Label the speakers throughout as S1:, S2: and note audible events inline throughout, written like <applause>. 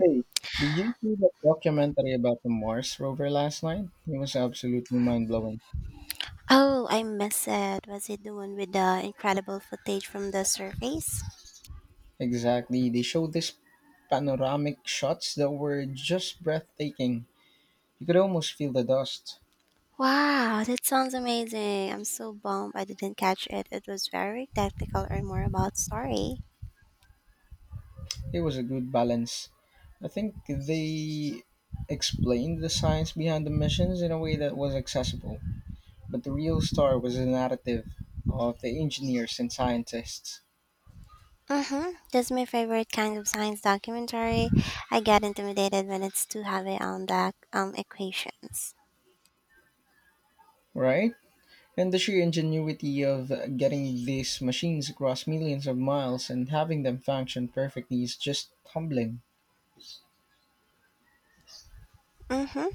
S1: Hey, did you see that documentary about the Mars rover last night? It was absolutely mind blowing.
S2: Oh, I miss it. Was it the one with the incredible footage from the surface?
S1: Exactly. They showed these panoramic shots that were just breathtaking. You could almost feel the dust.
S2: Wow, that sounds amazing. I'm so bummed I didn't catch it. It was very technical or more about story.
S1: It was a good balance. I think they explained the science behind the missions in a way that was accessible. But the real star was the narrative of the engineers and scientists,
S2: Mm-hmm. That's my favorite kind of science documentary. I get intimidated when it's too heavy on the equations.
S1: right? And the sheer ingenuity of getting these machines across millions of miles and having them function perfectly is just humbling.
S2: Mm-hmm.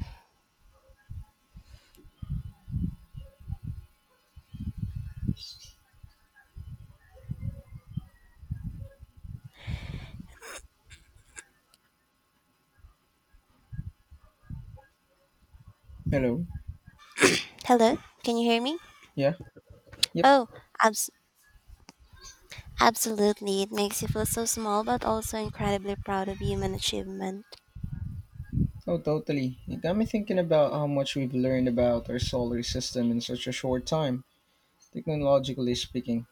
S1: Hello?
S2: Hello, can you hear me?
S1: Yeah? Yep.
S2: Oh, abs- absolutely. It makes you feel so small but also incredibly proud of human achievement.
S1: Oh, totally. It got me thinking about how much we've learned about our solar system in such a short time, technologically speaking.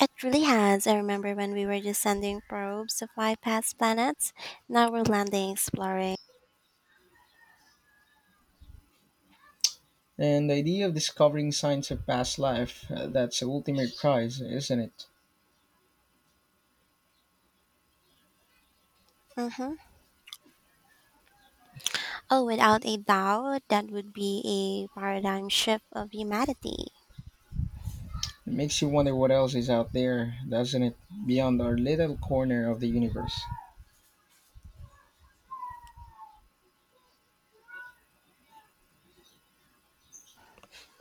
S2: It really has. I remember when we were just sending probes to fly past planets. Now we're landing, exploring.
S1: And the idea of discovering signs of past life, that's the ultimate prize, isn't it?
S2: Hmm. Oh, without a doubt, that would be a paradigm shift of humanity.
S1: It makes you wonder what else is out there, doesn't it? Beyond our little corner of the universe.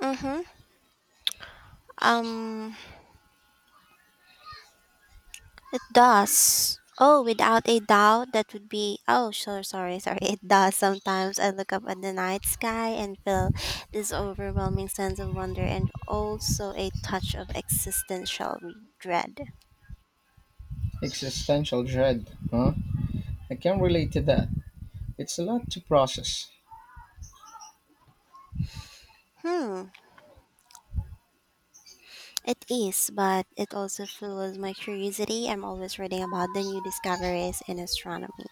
S2: Mm-hmm. Um, it does. Oh, without a doubt, that would be. Oh, sure, sorry, sorry. It does. Sometimes I look up at the night sky and feel this overwhelming sense of wonder and also a touch of existential dread.
S1: Existential dread, huh? I can relate to that. It's a lot to process.
S2: Hmm. It is, but it also fuels my curiosity. I'm always reading about the new discoveries in astronomy.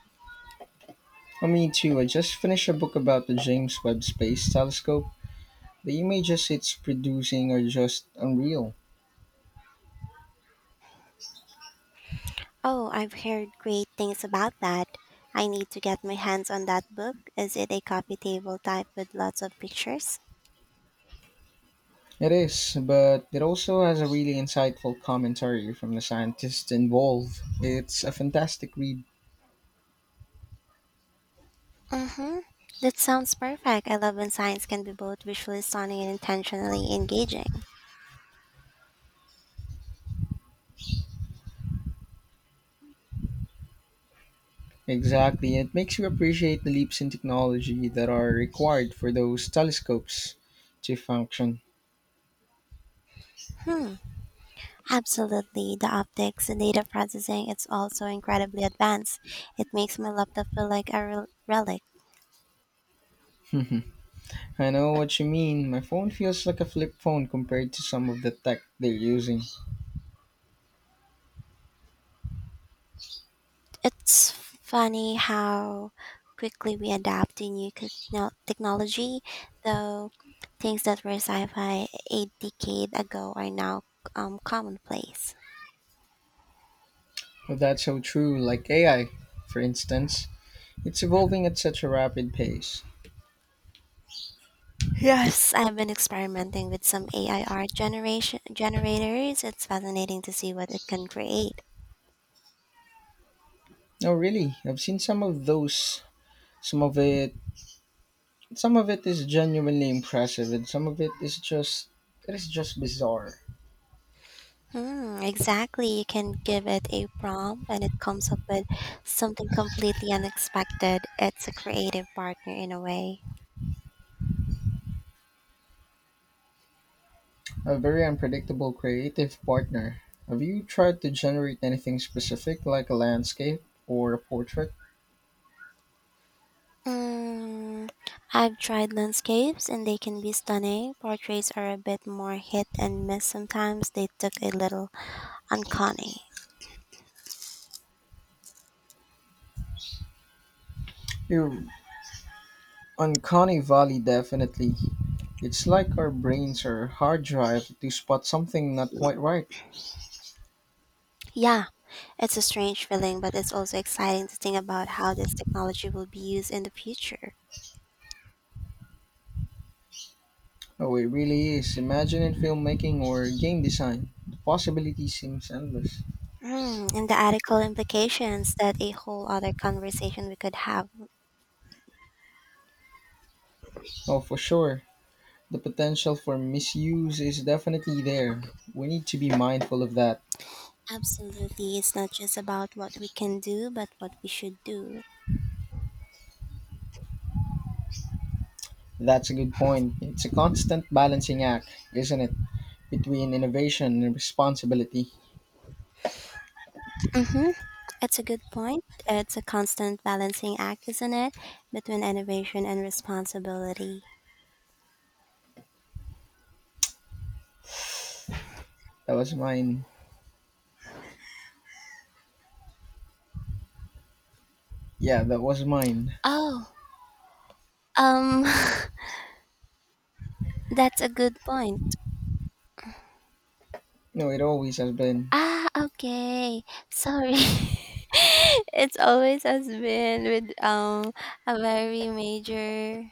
S1: I mean, too, I just finished a book about the James Webb Space Telescope. The images it's producing are just unreal.
S2: Oh, I've heard great things about that. I need to get my hands on that book. Is it a coffee table type with lots of pictures?
S1: It is, but it also has a really insightful commentary from the scientists involved. It's a fantastic read.
S2: Mm-hmm. That sounds perfect. I love when science can be both visually stunning and intentionally engaging.
S1: Exactly, it makes you appreciate the leaps in technology that are required for those telescopes to function.
S2: Hmm. Absolutely. The optics, the data processing, it's all so incredibly advanced. It makes my laptop feel like a relic.
S1: <laughs> I know what you mean. My phone feels like a flip phone compared to some of the tech they're using.
S2: It's funny how quickly we adapt to new technology, though things that were sci fi a decade ago are now commonplace.
S1: Well, that's so true. Like AI, for instance, it's evolving at such a rapid pace.
S2: Yes, <laughs> I've been experimenting with some AI art generation generators. It's fascinating to see what it can create.
S1: No, really, I've seen some of those. Some of it, some of it is genuinely impressive, and some of it is just bizarre.
S2: Hmm, exactly. You can give it a prompt and it comes up with something completely unexpected. It's a creative partner in a way.
S1: A very unpredictable creative partner. Have you tried to generate anything specific, like a landscape or a portrait?
S2: Mm, I've tried landscapes and they can be stunning. Portraits are a bit more hit and miss sometimes. They took a little uncanny.
S1: Your uncanny valley, definitely. It's like our brains are hard drive to spot something not quite right.
S2: Yeah, it's a strange feeling, but it's also exciting to think about how this technology will be used in the future.
S1: Oh, it really is. Imagine in filmmaking or game design. The possibility seems endless.
S2: Mm, and the ethical implications that a whole other conversation we could have.
S1: Oh, for sure. The potential for misuse is definitely there. We need to be mindful of that.
S2: Absolutely, it's not just about what we can do, but what we should do.
S1: That's a good point. It's a constant balancing act, isn't it? Between innovation and responsibility.
S2: Mm-hmm. It's a good point. It's a constant balancing act, isn't it? Between innovation and responsibility.
S1: That was mine. Yeah, that was mine.
S2: Oh, um, <laughs> that's a good point.
S1: No, it always has been.
S2: Ah, okay. Sorry. <laughs> it's always has been with a very major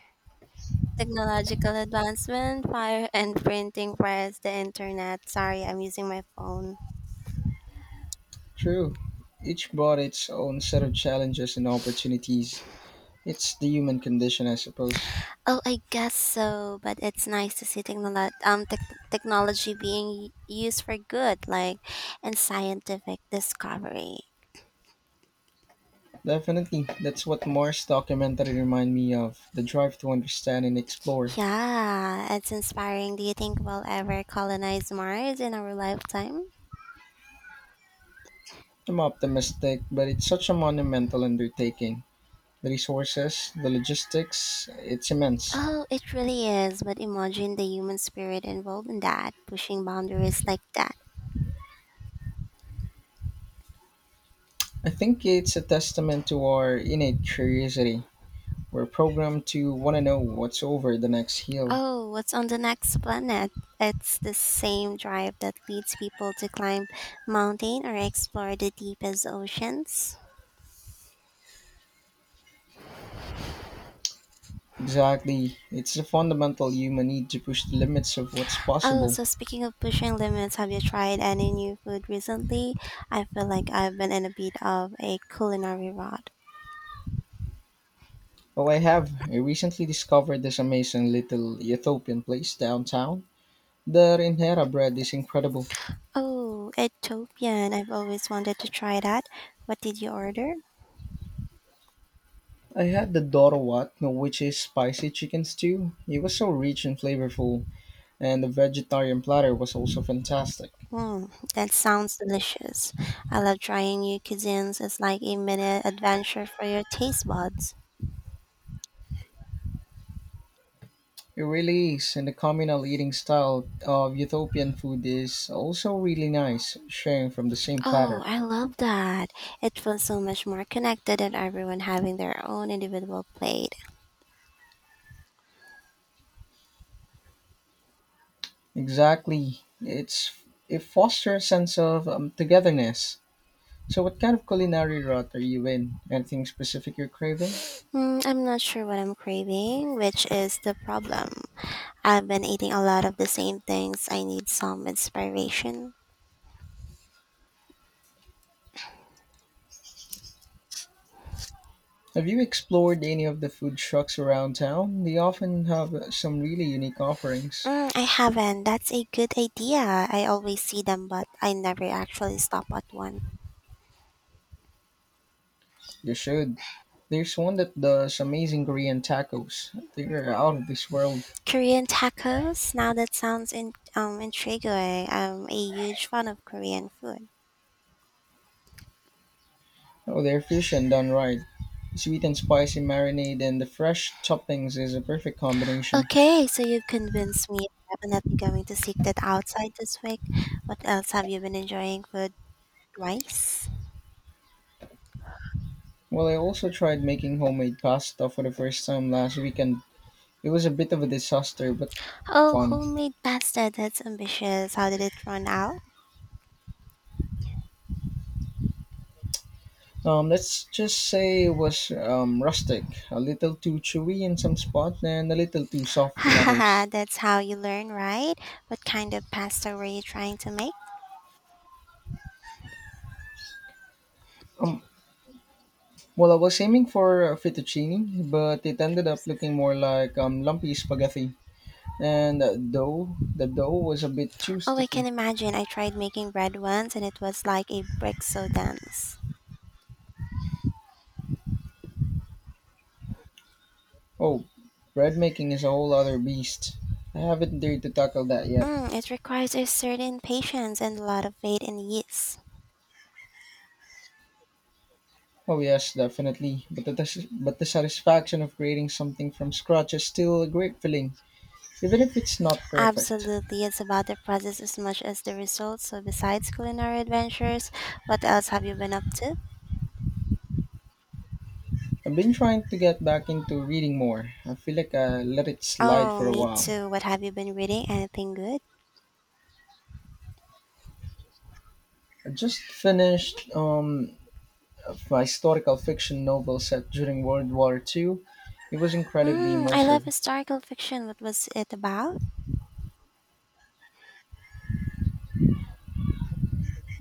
S2: technological advancement, fire and printing press, the internet. Sorry, I'm using my phone.
S1: True. Each brought its own set of challenges and opportunities. It's the human condition, I suppose.
S2: Oh, I guess so, but it's nice to see technology being used for good, like in scientific discovery.
S1: Definitely, that's what Moore's documentary reminded me of the drive to understand and explore.
S2: Yeah, it's inspiring. Do you think we'll ever colonize Mars in our lifetime?
S1: I'm optimistic, but it's such a monumental undertaking. The resources, the logistics, it's immense.
S2: Oh, it really is, but imagine the human spirit involved in that, pushing boundaries like that.
S1: I think it's a testament to our innate curiosity. We're programmed to want to know what's over the next hill.
S2: Oh, what's on the next planet? It's the same drive that leads people to climb mountain or explore the deepest oceans.
S1: Exactly, it's a fundamental human need to push the limits of what's
S2: Oh,
S1: possible.
S2: so speaking of pushing limits, have you tried any new food recently? I feel like I've been in a bit of a culinary rut.
S1: Oh, I have. I recently discovered this amazing little Ethiopian place downtown. The Reinhera bread is incredible.
S2: Oh, Ethiopian. I've always wanted to try that. What did you order?
S1: I had the Dorowat, which is spicy chicken stew. It was so rich and flavorful, and the vegetarian platter was also fantastic.
S2: Mm, that sounds delicious. I love trying new cuisines. It's like a minute adventure for your taste buds.
S1: It really is, and the communal eating style of Ethiopian food is also really nice, sharing from the same
S2: Oh,
S1: platter.
S2: I love that. It feels so much more connected and everyone having their own individual plate.
S1: Exactly. It fosters a sense of togetherness. So what kind of culinary route are you in? Anything specific you're craving?
S2: I'm not sure what I'm craving, which is the problem. I've been eating a lot of the same things. I need some inspiration.
S1: Have you explored any of the food trucks around town? They often have some really unique offerings.
S2: I haven't. That's a good idea. I always see them, but I never actually stop at one.
S1: You should. There's one that does amazing Korean tacos. They're out of this world.
S2: Korean tacos? Now that sounds intriguing. I'm a huge fan of Korean food.
S1: Oh, they're fusion done right. Sweet and spicy marinade and the fresh toppings is a perfect combination.
S2: Okay, so you've convinced me. I'm definitely going to seek that outside this week. What else have you been enjoying? Food? Rice?
S1: Well, I also tried making homemade pasta for the first time last weekend. It was a bit of a disaster, but
S2: Oh,
S1: fun.
S2: homemade pasta. That's ambitious. How did it run out?
S1: Let's just say it was rustic, a little too chewy in some spots and a little too
S2: <laughs>
S1: soft in others.
S2: Haha, that's how you learn, right? What kind of pasta were you trying to make?
S1: Um, well, I was aiming for fettuccine, but it ended up looking more like lumpy spaghetti. And the dough was a bit too
S2: Oh, I
S1: sticky.
S2: can imagine. I tried making bread once and it was like a brick so dense.
S1: Oh, bread making is a whole other beast. I haven't dared to tackle that yet.
S2: It requires a certain patience and a lot of faith in yeast.
S1: Oh yes, definitely. But the satisfaction of creating something from scratch is still a great feeling, even if it's not perfect.
S2: Absolutely, it's about the process as much as the results. So, besides culinary adventures, what else have you been up to?
S1: I've been trying to get back into reading more. I feel like I let it slide
S2: Oh,
S1: for a
S2: me
S1: while.
S2: too. What have you been reading? Anything good?
S1: I just finished my historical fiction novel set during World War II. It was incredibly
S2: Hmm, I love
S1: immersive.
S2: historical fiction. What was it about?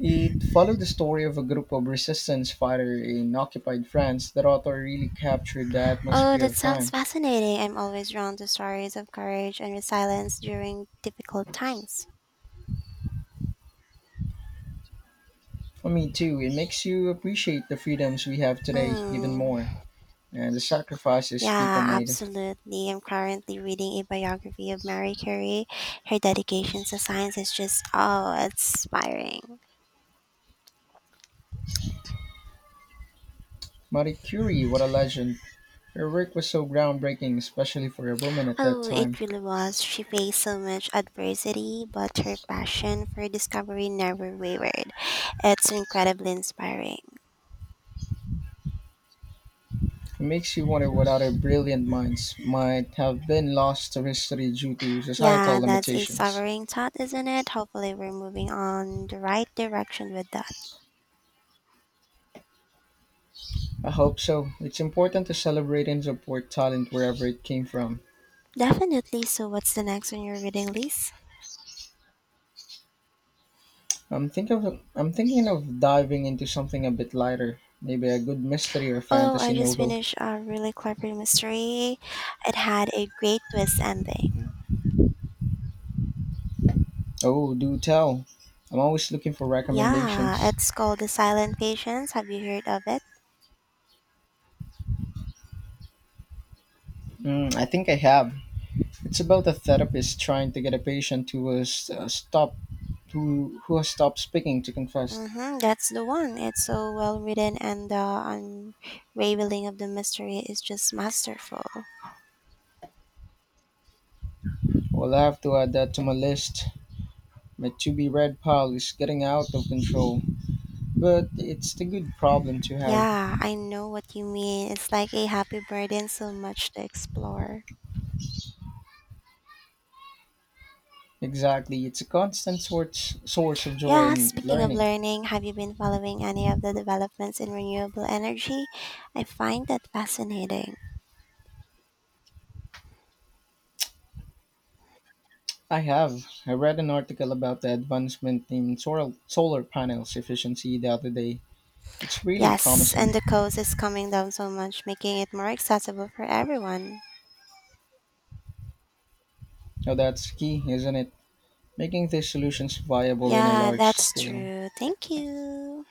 S1: It followed the story of a group of resistance fighters in occupied France. The author really captured the
S2: Oh,
S1: atmosphere
S2: that
S1: of
S2: sounds
S1: time.
S2: fascinating. I'm always drawn to stories of courage and resilience during difficult times.
S1: For me, too, it makes you appreciate the freedoms we have today even
S2: Hmm.
S1: more and the sacrifices people
S2: Yeah,
S1: made.
S2: absolutely. I'm currently reading a biography of Mary Curie. Her dedication to science is just, oh, inspiring.
S1: Marie Curie, what a legend. Her work was so groundbreaking, especially for a woman at that
S2: Oh,
S1: time.
S2: it really was. She faced so much adversity, but her passion for discovery never wavered. It's incredibly inspiring.
S1: It makes you wonder what other brilliant minds might have been lost to history due to societal
S2: Yeah, that's a
S1: limitations.
S2: sobering thought, isn't it? Hopefully, we're moving on the right direction with that.
S1: I hope so. It's important to celebrate and support talent wherever it came from.
S2: Definitely. So, what's the next on your reading list?
S1: I'm thinking of diving into something a bit lighter, maybe a good mystery or
S2: Oh,
S1: fantasy
S2: I just
S1: novel.
S2: finished a really clever mystery. It had a great twist ending.
S1: Oh, do tell. I'm always looking for
S2: Yeah,
S1: recommendations.
S2: it's called The Silent Patience. Have you heard of it?
S1: Mm, I think I have. It's about a therapist trying to get a patient to stop who has stopped speaking to confess.
S2: Mm-hmm, that's the one. It's so well written, and the unraveling of the mystery is just masterful.
S1: Well, I have to add that to my list. My to be read pile is getting out of control, but it's a good problem to have.
S2: Yeah, I know what you mean. It's like a happy burden, so much to explore.
S1: Exactly, it's a constant source of joy
S2: Yeah,
S1: and
S2: speaking of
S1: learning.
S2: learning, have you been following any of the developments in renewable energy? I find that fascinating.
S1: I have. I read an article about the advancement in solar panels efficiency the other day. It's really
S2: Yes, and
S1: promising.
S2: the cost is coming down so much, making it more accessible for everyone.
S1: Now that's key, isn't it? Making these solutions viable in a
S2: Yeah,
S1: large
S2: that's
S1: scale.
S2: true. Thank you.